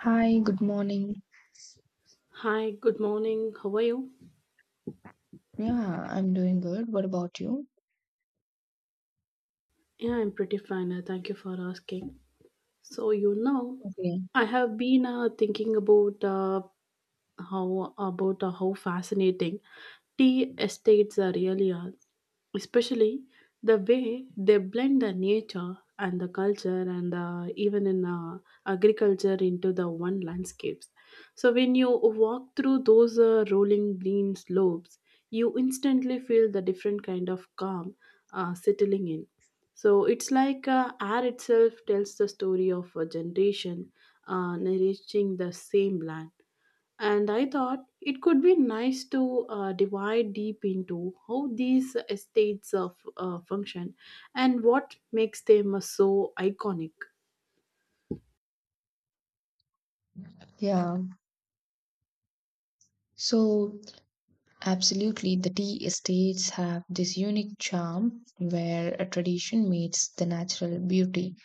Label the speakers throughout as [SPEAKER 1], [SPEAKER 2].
[SPEAKER 1] Hi, good morning.
[SPEAKER 2] Hi, good morning. How are you?
[SPEAKER 1] Yeah, I'm doing good. What about you?
[SPEAKER 2] Yeah, I'm pretty fine. Thank you for asking. So, you know,
[SPEAKER 1] Okay.
[SPEAKER 2] I have been thinking about how about how fascinating tea estates really are, especially the way they blend the nature and the culture and even in agriculture into the one landscapes. So when you walk through those rolling green slopes, you instantly feel the different kind of calm settling in. So it's like air itself tells the story of a generation nourishing the same land. And I thought it could be nice to divide deep into how these estates of function and what makes them so iconic.
[SPEAKER 1] Yeah. So, absolutely, the tea estates have this unique charm where a tradition meets the natural beauty.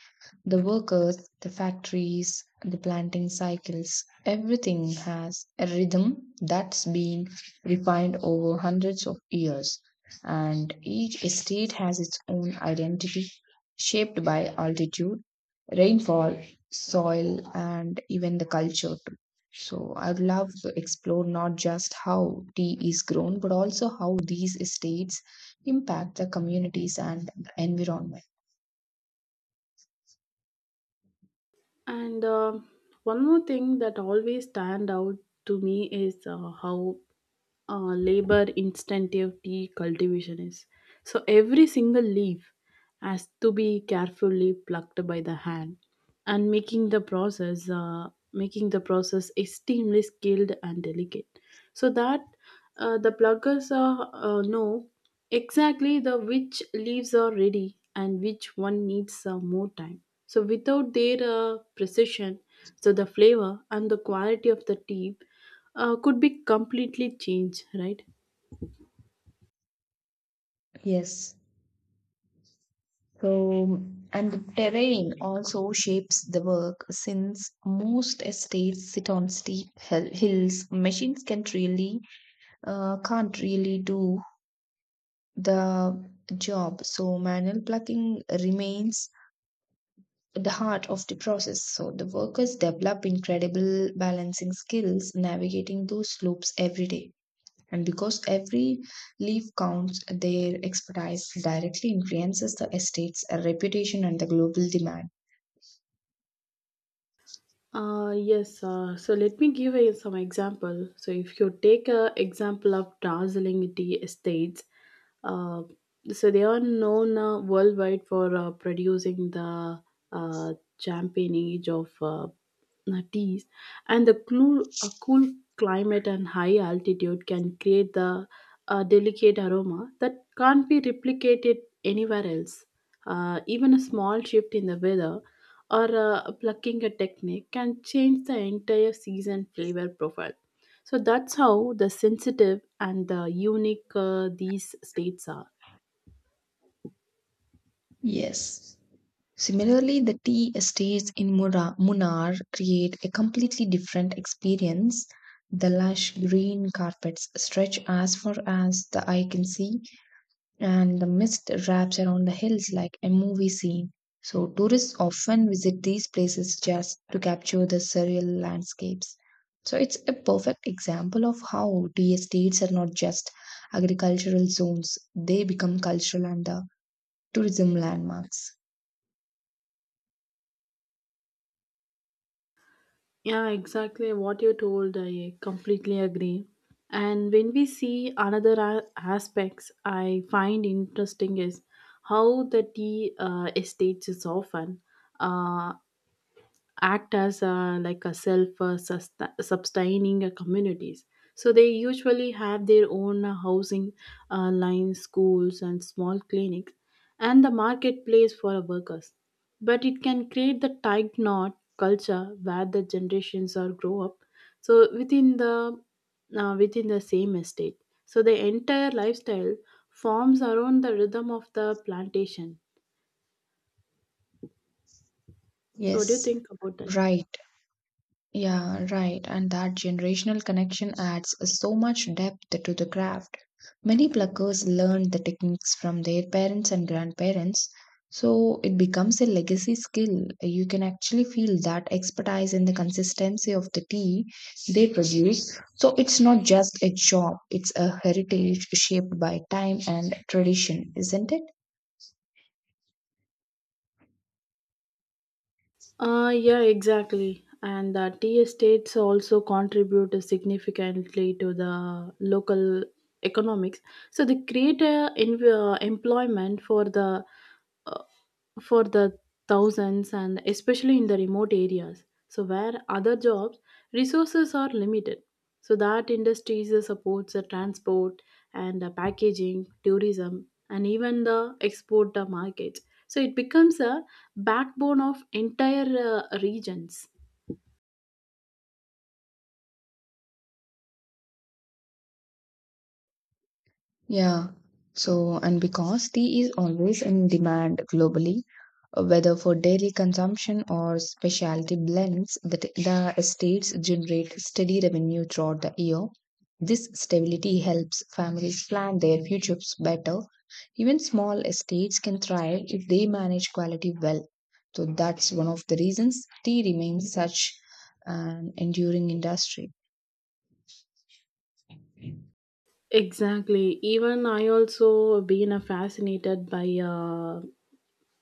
[SPEAKER 1] The workers, the factories, the planting cycles, everything has a rhythm that's been refined over hundreds of years. And each estate has its own identity, shaped by altitude, rainfall, soil, and even the culture too. So I'd love to explore not just how tea is grown, but also how these estates impact the communities and the environment.
[SPEAKER 2] And one more thing that always stand out to me is how labor intensive tea cultivation is. So every single leaf has to be carefully plucked by the hand, and making the process extremely skilled and delicate, so that the pluckers are, know exactly the which leaves are ready and which one needs more time. So without their precision, so the flavor and the quality of the tea could be completely changed, right?
[SPEAKER 1] Yes. So, and the terrain also shapes the work since most estates sit on steep hills. Machines can really, can't really do the job. So, manual plucking remains the heart of the process. So, the workers develop incredible balancing skills navigating those slopes every day. And because every leaf counts, their expertise directly influences the estate's reputation and the global demand.
[SPEAKER 2] Yes, so let me give you some example. So if you take a example of dazzling tea estates, uh, so they are known worldwide for producing the uh, champagnage of teas, and cool climate and high altitude can create the delicate aroma that can't be replicated anywhere else. Even a small shift in the weather or plucking a technique can change the entire season flavor profile. So that's how the sensitive and the unique these states are.
[SPEAKER 1] Yes. Similarly, the tea estates in Munnar create a completely different experience. The lush green carpets stretch as far as the eye can see, and the mist wraps around the hills like a movie scene. So, tourists often visit these places just to capture the surreal landscapes. So, it's a perfect example of how tea estates are not just agricultural zones, they become cultural and tourism landmarks.
[SPEAKER 2] Yeah, exactly what you told. I completely agree. And when we see aspects, I find interesting is how the tea estates is often. Uh, Act as a, like a self sustaining communities, so they usually have their own housing lines, schools and small clinics and the marketplace for workers. But it can create the tight knot culture where the generations are grow up, so within the same estate, so the entire lifestyle forms around the rhythm of the plantation. So what do you
[SPEAKER 1] Yes,
[SPEAKER 2] think about that?
[SPEAKER 1] right. Yeah, right. And that generational connection adds so much depth to the craft. Many pluckers learned the techniques from their parents and grandparents, so it becomes a legacy skill. You can actually feel that expertise in the consistency of the tea they produce. So it's not just a job, it's a heritage shaped by time and tradition, isn't it?
[SPEAKER 2] Yeah, exactly. And the tea estates also contribute significantly to the local economics. So they create employment uh, for the thousands, and especially in the remote areas. So where other jobs resources are limited. So that industries supports the transport and packaging, tourism, and even the export markets. So it becomes a backbone of entire regions.
[SPEAKER 1] Yeah. So, and because tea is always in demand globally, whether for daily consumption or specialty blends, the estates generate steady revenue throughout the year. This stability helps families plan their futures better. Even small estates can thrive if they manage quality well. So, that's one of the reasons tea remains such an enduring industry.
[SPEAKER 2] Exactly, even I also been fascinated by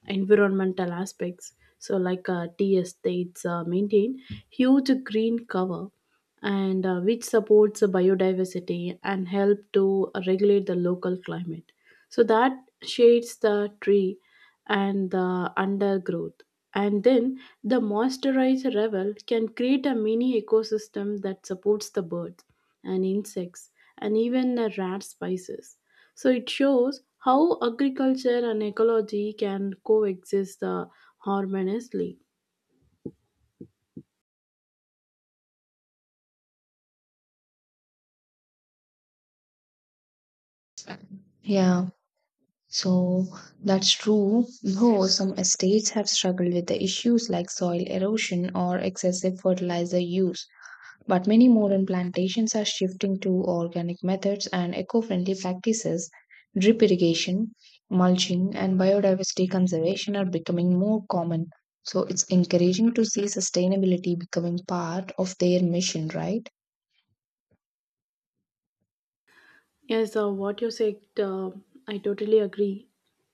[SPEAKER 2] environmental aspects. So like tea estates maintain huge green cover and which supports the biodiversity and help to regulate the local climate. So that shades the tree and the undergrowth, and then the moisturized level can create a mini ecosystem that supports the birds and insects and even the rat species. So it shows how agriculture and ecology can coexist harmoniously.
[SPEAKER 1] Yeah. So that's true, though some estates have struggled with the issues like soil erosion or excessive fertilizer use. But many modern plantations are shifting to organic methods and eco friendly practices. Drip irrigation, mulching, and biodiversity conservation are becoming more common. So it's encouraging to see sustainability becoming part of their mission, right?
[SPEAKER 2] Yes, what you said, I totally agree.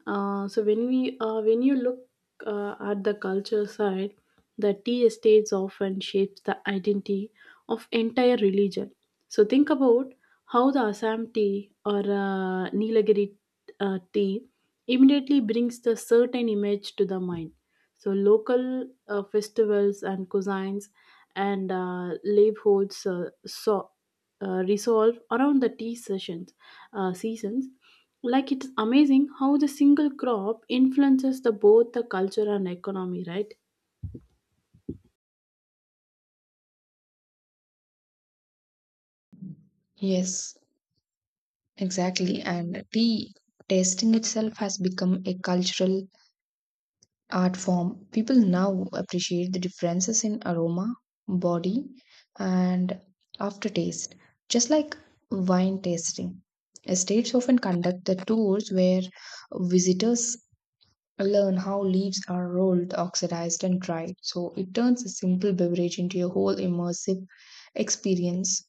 [SPEAKER 2] So when you look at the culture side, the tea estates often shapes the identity of entire religion. So think about how the Assam tea or Nilagiri tea immediately brings the certain image to the mind. So local festivals and cuisines and livelihoods resolve around the seasons. Like it's amazing how the single crop influences the both the culture and economy, right?
[SPEAKER 1] Yes. Exactly. And tea tasting itself has become a cultural art form. People now appreciate the differences in aroma, body, and aftertaste, just like wine tasting. Estates often conduct the tours where visitors learn how leaves are rolled, oxidized, and dried. So it turns a simple beverage into a whole immersive experience.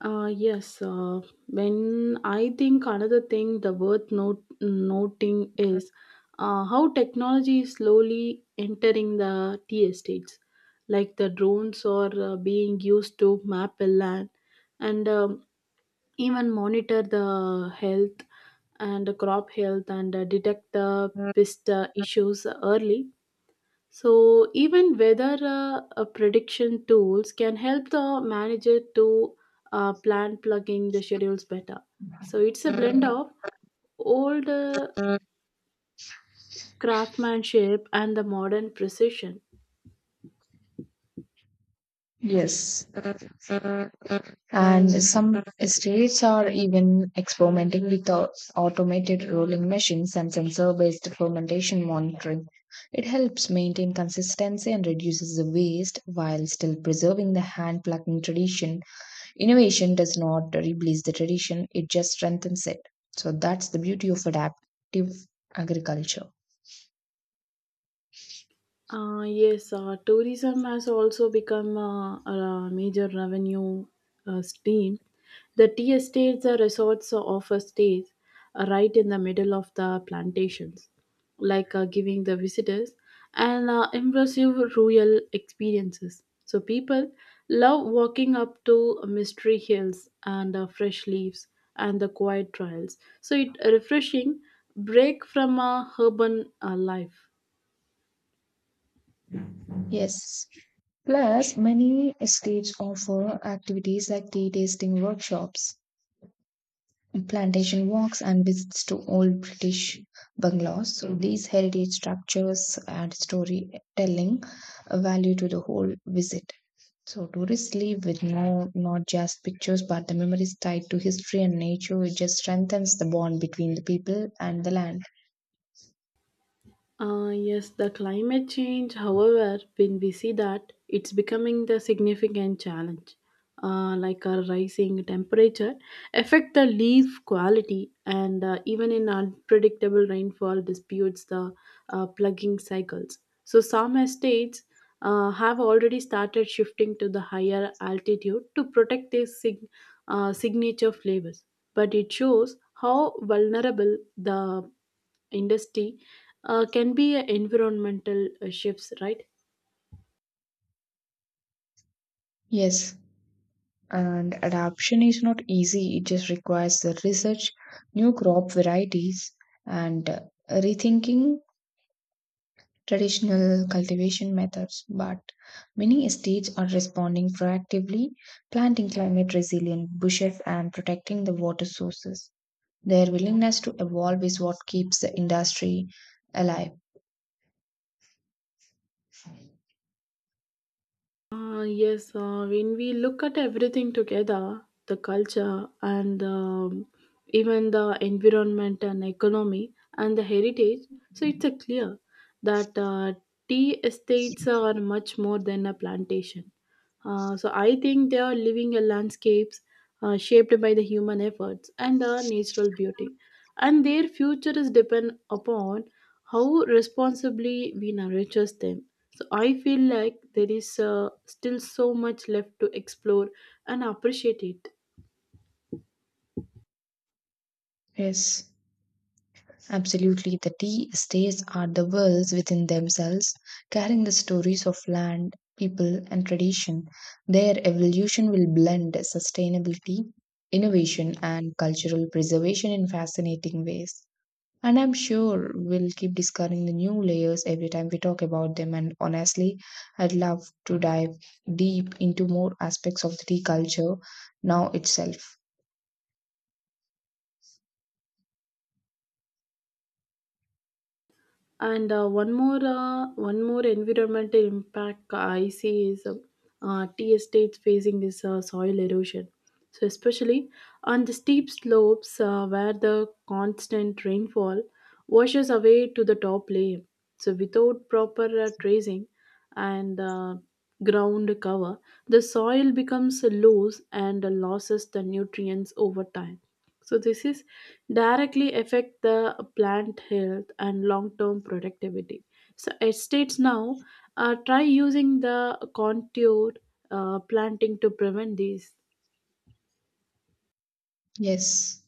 [SPEAKER 2] Uh, yes, uh, when I think another thing the noting is how technology is slowly entering the tea estates, like the drones are being used to map a land and even monitor the health and the crop health and detect the pest issues early. So even weather prediction tools can help the manager to plan plugging the schedules better. So it's a blend of old craftsmanship and the modern precision.
[SPEAKER 1] Yes. And some states are even experimenting with automated rolling machines and sensor based fermentation monitoring. It helps maintain consistency and reduces the waste while still preserving the hand plucking tradition. Innovation does not replace the tradition, it just strengthens it. So that's the beauty of adaptive agriculture.
[SPEAKER 2] Yes, tourism has also become a major revenue stream. The tea estates or resorts offer stays right in the middle of the plantations, like giving the visitors an immersive rural experiences. So people love walking up to mystery hills and fresh leaves and the quiet trails. So it refreshing break from a urban life.
[SPEAKER 1] Yes. Plus, many states offer activities like tea tasting workshops plantation walks and visits to old British bungalows. So these heritage structures add storytelling value to the whole visit. So tourists leave with no not just pictures but the memories tied to history and nature. It just strengthens the bond between the people and the land.
[SPEAKER 2] Yes, the climate change, however, when we see that it's becoming the significant challenge, like a rising temperature, affect the leaf quality, and even in unpredictable rainfall disputes the plugging cycles. So some estates have already started shifting to the higher altitude to protect their signature flavors, but it shows how vulnerable the industry can be a environmental shifts, right?
[SPEAKER 1] Yes, and adaptation is not easy. It just requires the research, new crop varieties, and rethinking traditional cultivation methods, but many states are responding proactively, planting climate resilient bushes and protecting the water sources. Their willingness to evolve is what keeps the industry alive.
[SPEAKER 2] Ah, yes, when we look at everything together, the culture and even the environment and economy and the heritage, so it's a clear that tea estates are much more than a plantation. So I think they are living a landscapes shaped by the human efforts and the natural beauty, and their future is depend upon how responsibly we nurture them. So I feel like there is still so much left to explore and appreciate it.
[SPEAKER 1] Yes, absolutely. The tea estates are the worlds within themselves, carrying the stories of land, people, and tradition. Their evolution will blend sustainability, innovation, and cultural preservation in fascinating ways. And I'm sure we'll keep discovering the new layers every time we talk about them. And honestly, I'd love to dive deep into more aspects of the tea culture now itself.
[SPEAKER 2] And one more environmental impact I see is tea estates facing this soil erosion. So especially on the steep slopes where the constant rainfall washes away to the top layer. So without proper tracing and ground cover, the soil becomes loose and loses the nutrients over time. So this is directly affect the plant health and long-term productivity. So estates now try using the contour planting to prevent these.
[SPEAKER 1] Yes.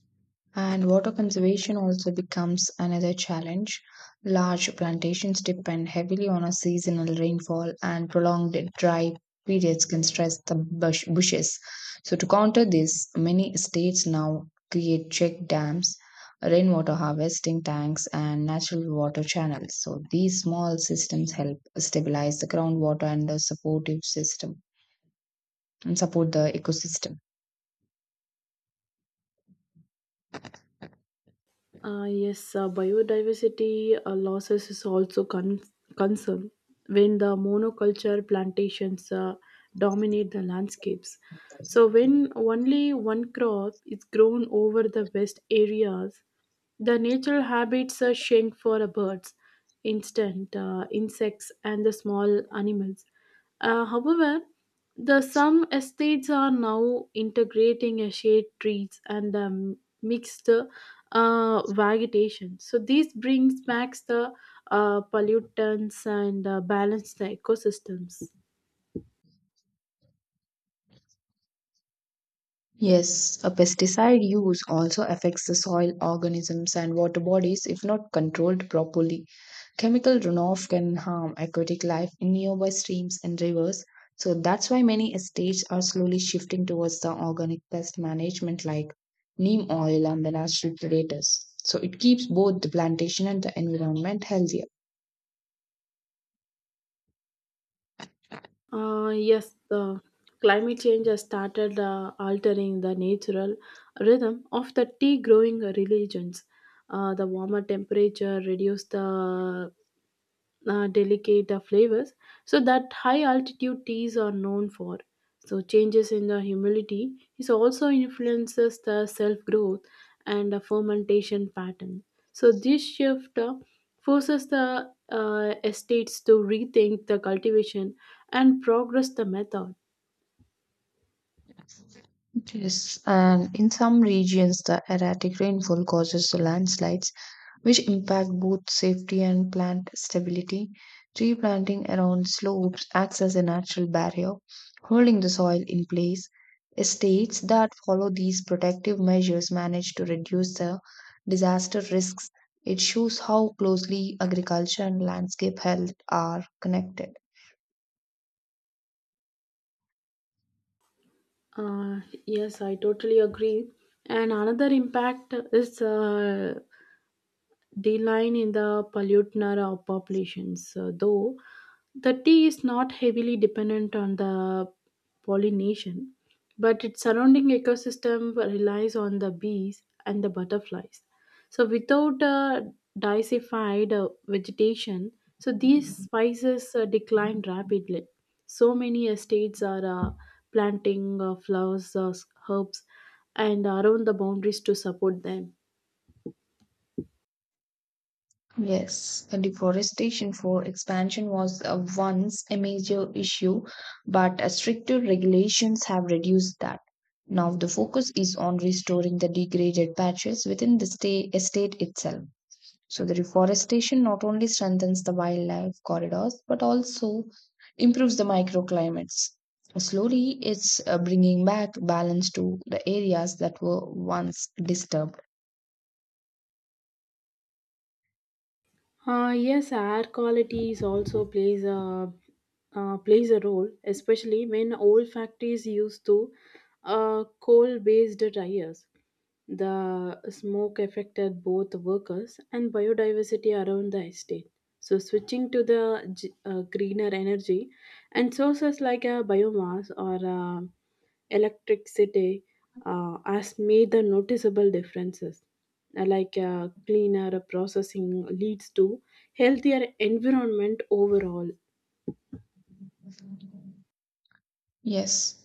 [SPEAKER 1] And water conservation also becomes another challenge. Large plantations depend heavily on a seasonal rainfall, and prolonged dry periods can stress the bushes. So, to counter this, many states now create check dams, rainwater harvesting tanks, and natural water channels. So, these small systems help stabilize the groundwater and the supportive system and support the ecosystem.
[SPEAKER 2] Yes, biodiversity losses is also concern when the monoculture plantations dominate the landscapes. So when only one crop is grown over the vast areas, the natural habits are shrink for the birds, instant insects, and the small animals. However, the some estates are now integrating a shade trees and mixed vegetation. So this brings back the pollutants and balance the ecosystems.
[SPEAKER 1] Yes, a pesticide use also affects the soil organisms and water bodies if not controlled properly. Chemical runoff can harm aquatic life in nearby streams and rivers. So that's why many estates are slowly shifting towards the organic pest management like neem oil and the natural predators. So it keeps both the plantation and the environment healthier.
[SPEAKER 2] Yes, the climate change has started altering the natural rhythm of the tea growing regions. The warmer temperature reduce the delicate flavors so that high altitude teas are known for. So changes in the humidity is also influences the self growth and the fermentation pattern. So this shift forces the estates to rethink the cultivation and progress the method.
[SPEAKER 1] Yes, and in some regions, the erratic rainfall causes the landslides which impact both safety and plant stability. Tree planting around slopes acts as a natural barrier, holding the soil in place. States that follow these protective measures manage to reduce the disaster risks. It shows how closely agriculture and landscape health are connected.
[SPEAKER 2] uh, yes, I totally agree. And another impact is decline in the pollutant populations, though the tea is not heavily dependent on the pollination, but its surrounding ecosystem relies on the bees and the butterflies. So, without diversified vegetation, so these spices decline rapidly. So many estates are planting flowers, herbs, and around the boundaries to support them.
[SPEAKER 1] Yes, deforestation for expansion was once a major issue, but stricter regulations have reduced that. Now the focus is on restoring the degraded patches within the state estate itself. So the reforestation not only strengthens the wildlife corridors but also improves the microclimates. Slowly, it's bringing back balance to the areas that were once disturbed.
[SPEAKER 2] Yes, air quality is also plays a plays a role, especially when old factories used to coal-based tires. The smoke affected both workers and biodiversity around the estate. So, switching to the greener energy and sources like biomass or electricity has made the noticeable differences. Like cleaner processing leads to healthier environment overall.
[SPEAKER 1] Yes.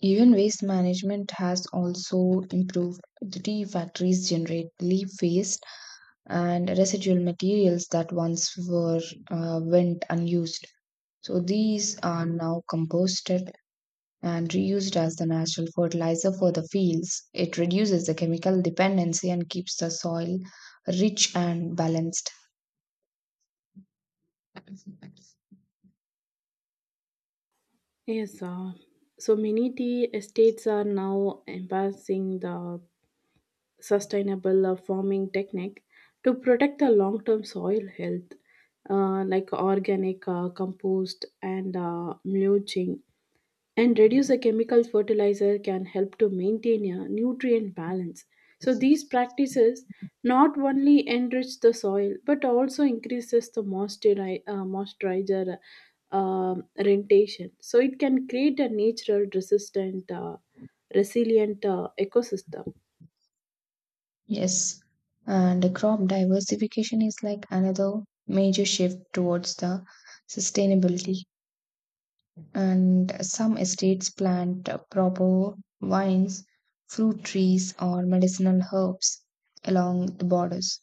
[SPEAKER 1] Even waste management has also improved. The factories generate leaf waste and residual materials that once were went unused. So these are now composted and reused as the natural fertilizer for the fields. It reduces the chemical dependency and keeps the soil rich and balanced.
[SPEAKER 2] Yes, so many tea estates are now embracing the sustainable farming technique to protect the long-term soil health, like organic compost and mulching, and reduce the chemical fertilizer can help to maintain a nutrient balance. So these practices not only enrich the soil but also increases the moisturizer uh, rentation. So it can create a resilient ecosystem.
[SPEAKER 1] Yes, and the crop diversification is like another major shift towards the sustainability. And some estates plant proper vines, fruit trees, or medicinal herbs along the borders.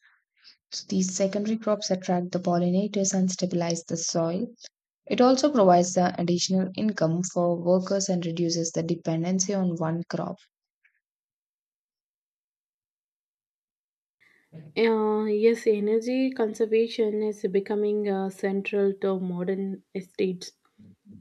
[SPEAKER 1] So these secondary crops attract the pollinators and stabilize the soil. It also provides the additional income for workers and reduces the dependency on one crop.
[SPEAKER 2] Yes, energy conservation is becoming central to modern estates,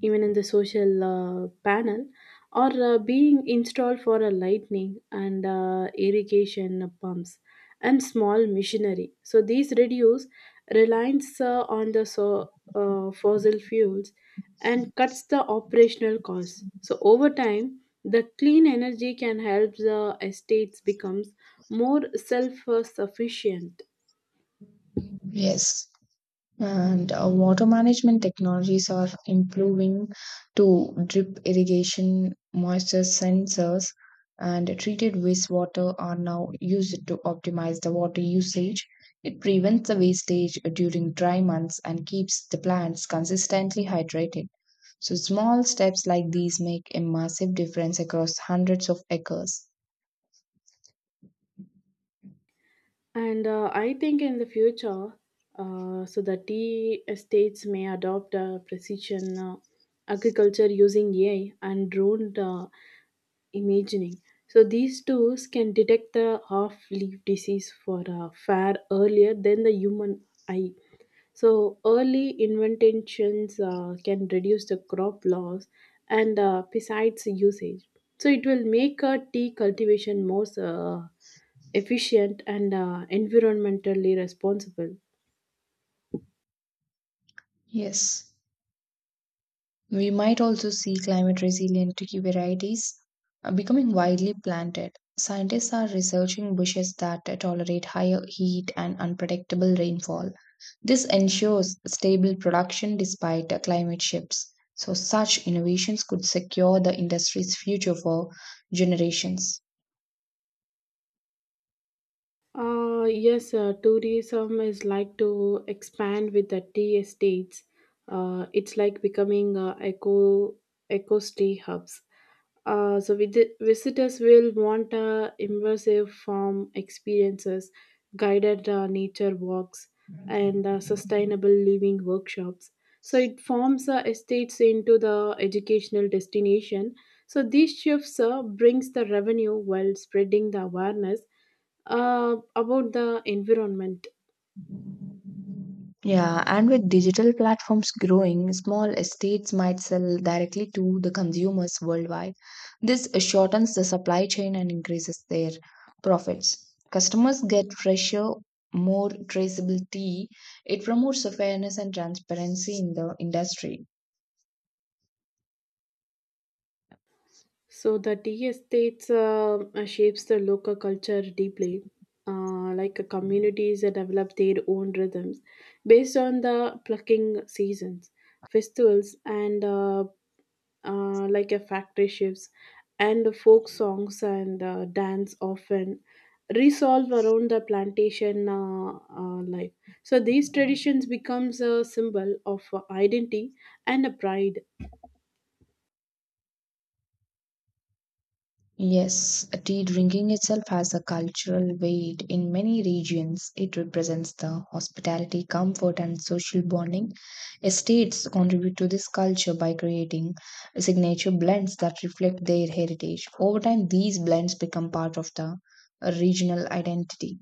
[SPEAKER 2] even in the social panel, or being installed for a lightning and irrigation pumps and small machinery. So these reduce reliance on the fossil fuels and cuts the operational costs. So over time, the clean energy can help the estates becomes more self-sufficient.
[SPEAKER 1] Yes. And water management technologies are improving to drip irrigation, moisture sensors, and treated wastewater are now used to optimize the water usage. It prevents the wastage during dry months and keeps the plants consistently hydrated. So, small steps like these make a massive difference across hundreds of acres.
[SPEAKER 2] And I think in the future, so the tea estates may adopt precision agriculture using AI and drone. Imagining. So these tools can detect the off-leaf disease for far earlier than the human eye. So early interventions can reduce the crop loss and pesticides usage. So it will make tea cultivation more efficient and environmentally responsible.
[SPEAKER 1] Yes. We might also see climate resilient tree varieties becoming widely planted. Scientists are researching bushes that tolerate higher heat and unpredictable rainfall. This ensures stable production despite climate shifts. So, such innovations could secure the industry's future for generations.
[SPEAKER 2] Yes, tourism is like to expand with the tea estates. It's like becoming eco stay hubs. So with visitors will want immersive farm experiences, guided nature walks, and sustainable living workshops. So it forms estates into the educational destination. So these shifts brings the revenue while spreading the awareness about the environment.
[SPEAKER 1] Yeah, and with digital platforms growing, small estates might sell directly to the consumers worldwide. This shortens the supply chain and increases their profits. Customers get fresher, more traceable tea. It promotes the fairness and transparency in the industry.
[SPEAKER 2] So the tea estates shapes the local culture deeply. Like communities that develop their own rhythms based on the plucking seasons, festivals, and like a factory shifts, and folk songs and dance often resolve around the plantation life. So these traditions becomes a symbol of identity and a pride.
[SPEAKER 1] Yes, tea drinking itself has a cultural weight in many regions. It represents the hospitality, comfort, and social bonding. Estates contribute to this culture by creating signature blends that reflect their heritage. Over time, these blends become part of the regional identity.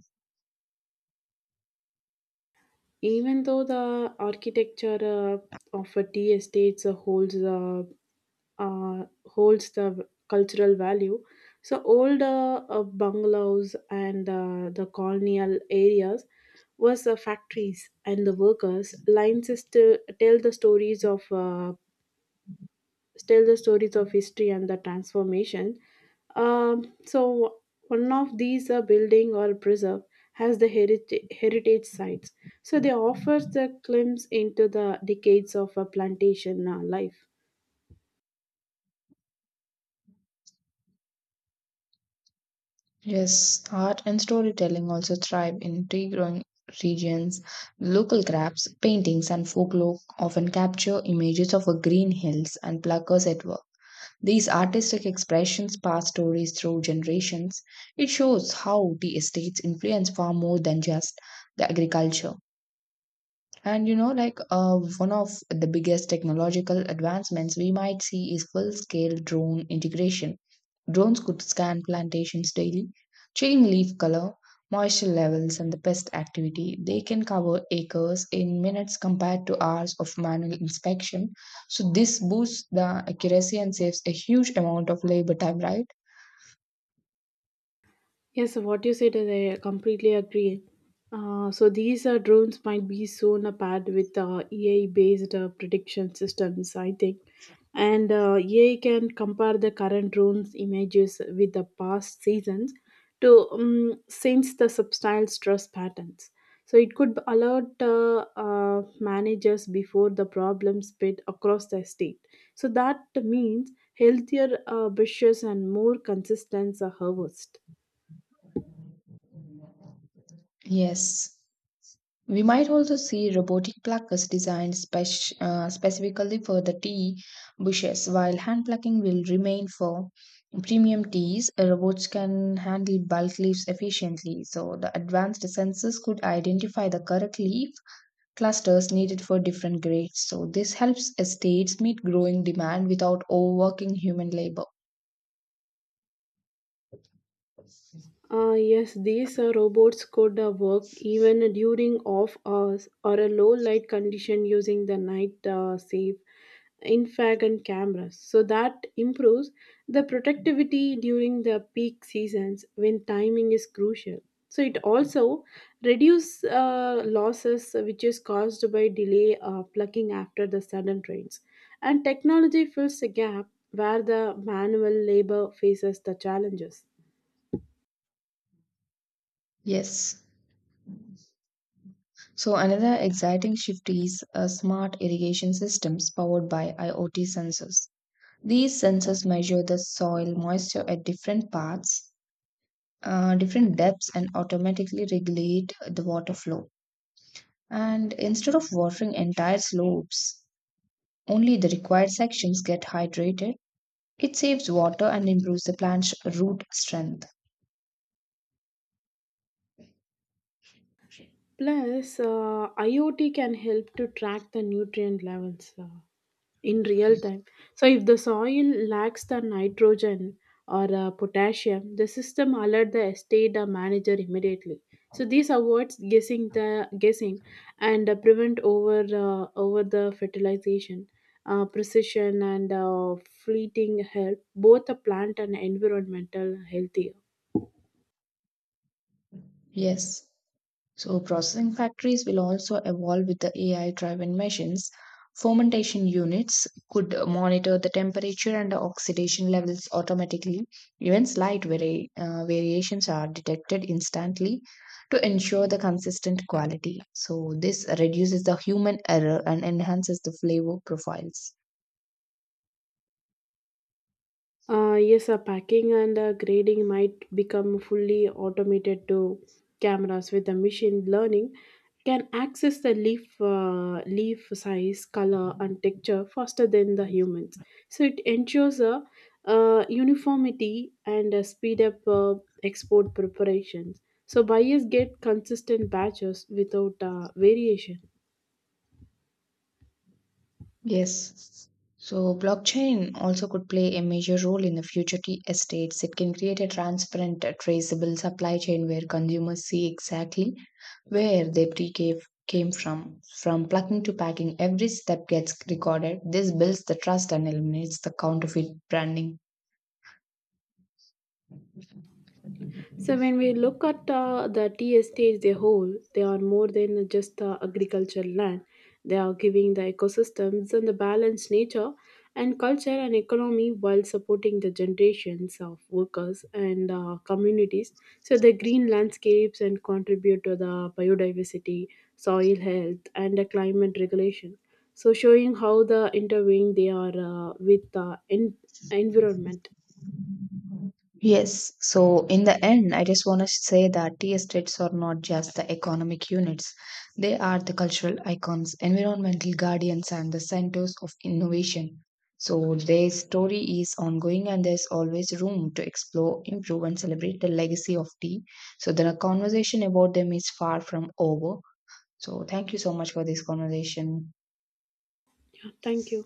[SPEAKER 2] Even though the architecture of a tea estate holds the cultural value. So old bungalows and the colonial areas was the factories and the workers. Lines is to tell the stories of history and the transformation. So one of these building or preserve has the heritage sites. So they offers the glimpse into the decades of a plantation life.
[SPEAKER 1] Yes, art and storytelling also thrive in tea growing regions. Local crafts, paintings, and folklore often capture images of a green hills and pluckers at work. These artistic expressions pass stories through generations. It shows how the estates influence far more than just the agriculture. And you know, like one of the biggest technological advancements we might see is full scale drone integration. Drones could scan plantations daily, checking leaf color, moisture levels, and the pest activity. They can cover acres in minutes compared to hours of manual inspection. So, this boosts the accuracy and saves a huge amount of labor time, right?
[SPEAKER 2] Yes, what you said, I completely agree. So these drones might be soon paired with AI-based prediction systems, I think. And AI can compare the current drones images with the past seasons to sense the subtle stress patterns. So it could alert managers before the problem spread across the state. So that means healthier bushes and more consistent harvest.
[SPEAKER 1] Yes. We might also see robotic pluckers designed specifically for the tea bushes, while hand plucking will remain for premium teas. Robots can handle bulk leaves efficiently, so the advanced sensors could identify the correct leaf clusters needed for different grades. So, this helps estates meet growing demand without overworking human labor.
[SPEAKER 2] Yes, these robots could work even during off hours or a low light condition using the night safe infrared and cameras. So that improves the productivity during the peak seasons when timing is crucial. So it also reduces losses which is caused by delay plucking after the sudden rains. And technology fills the gap where the manual labor faces the challenges.
[SPEAKER 1] Yes. So another exciting shift is smart irrigation systems powered by IoT sensors. These sensors measure the soil moisture at different parts, different depths, and automatically regulate the water flow. And instead of watering entire slopes, only the required sections get hydrated. It saves water and improves the plant's root strength.
[SPEAKER 2] Plus, IoT can help to track the nutrient levels in real time. So, if the soil lacks the nitrogen or potassium, the system alert the estate manager immediately. So, this avoids guessing and prevent over the fertilization, precision and fleeting help both the plant and environmental health.
[SPEAKER 1] Yes. So, processing factories will also evolve with the AI driven machines. Fermentation units could monitor the temperature and the oxidation levels automatically. Even slight variations are detected instantly to ensure the consistent quality. So, this reduces the human error and enhances the flavor profiles.
[SPEAKER 2] Yes, packing and grading might become fully automated to cameras with the machine learning can access the leaf size, color, and texture faster than the humans. So it ensures a uniformity and speed up export preparations. So buyers get consistent batches without variation.
[SPEAKER 1] Yes. So blockchain also could play a major role in the future tea estates. It can create a transparent, traceable supply chain where consumers see exactly where their tea cave came from. From plucking to packing, every step gets recorded. This builds the trust and eliminates the counterfeit branding.
[SPEAKER 2] So when we look at the tea estate as a whole, they are more than just agricultural land. They are giving the ecosystems and the balanced nature and culture and economy while supporting the generations of workers and communities. So the green landscapes and contribute to the biodiversity, soil health, and the climate regulation. So showing how the intervene they are with the environment.
[SPEAKER 1] Yes, so in the end, I just want to say that tea estates are not just the economic units, they are the cultural icons, environmental guardians, and the centers of innovation. So their story is ongoing, and there's always room to explore, improve, and celebrate the legacy of tea. So the conversation about them is far from over. So thank you so much for this conversation.
[SPEAKER 2] Yeah, thank you.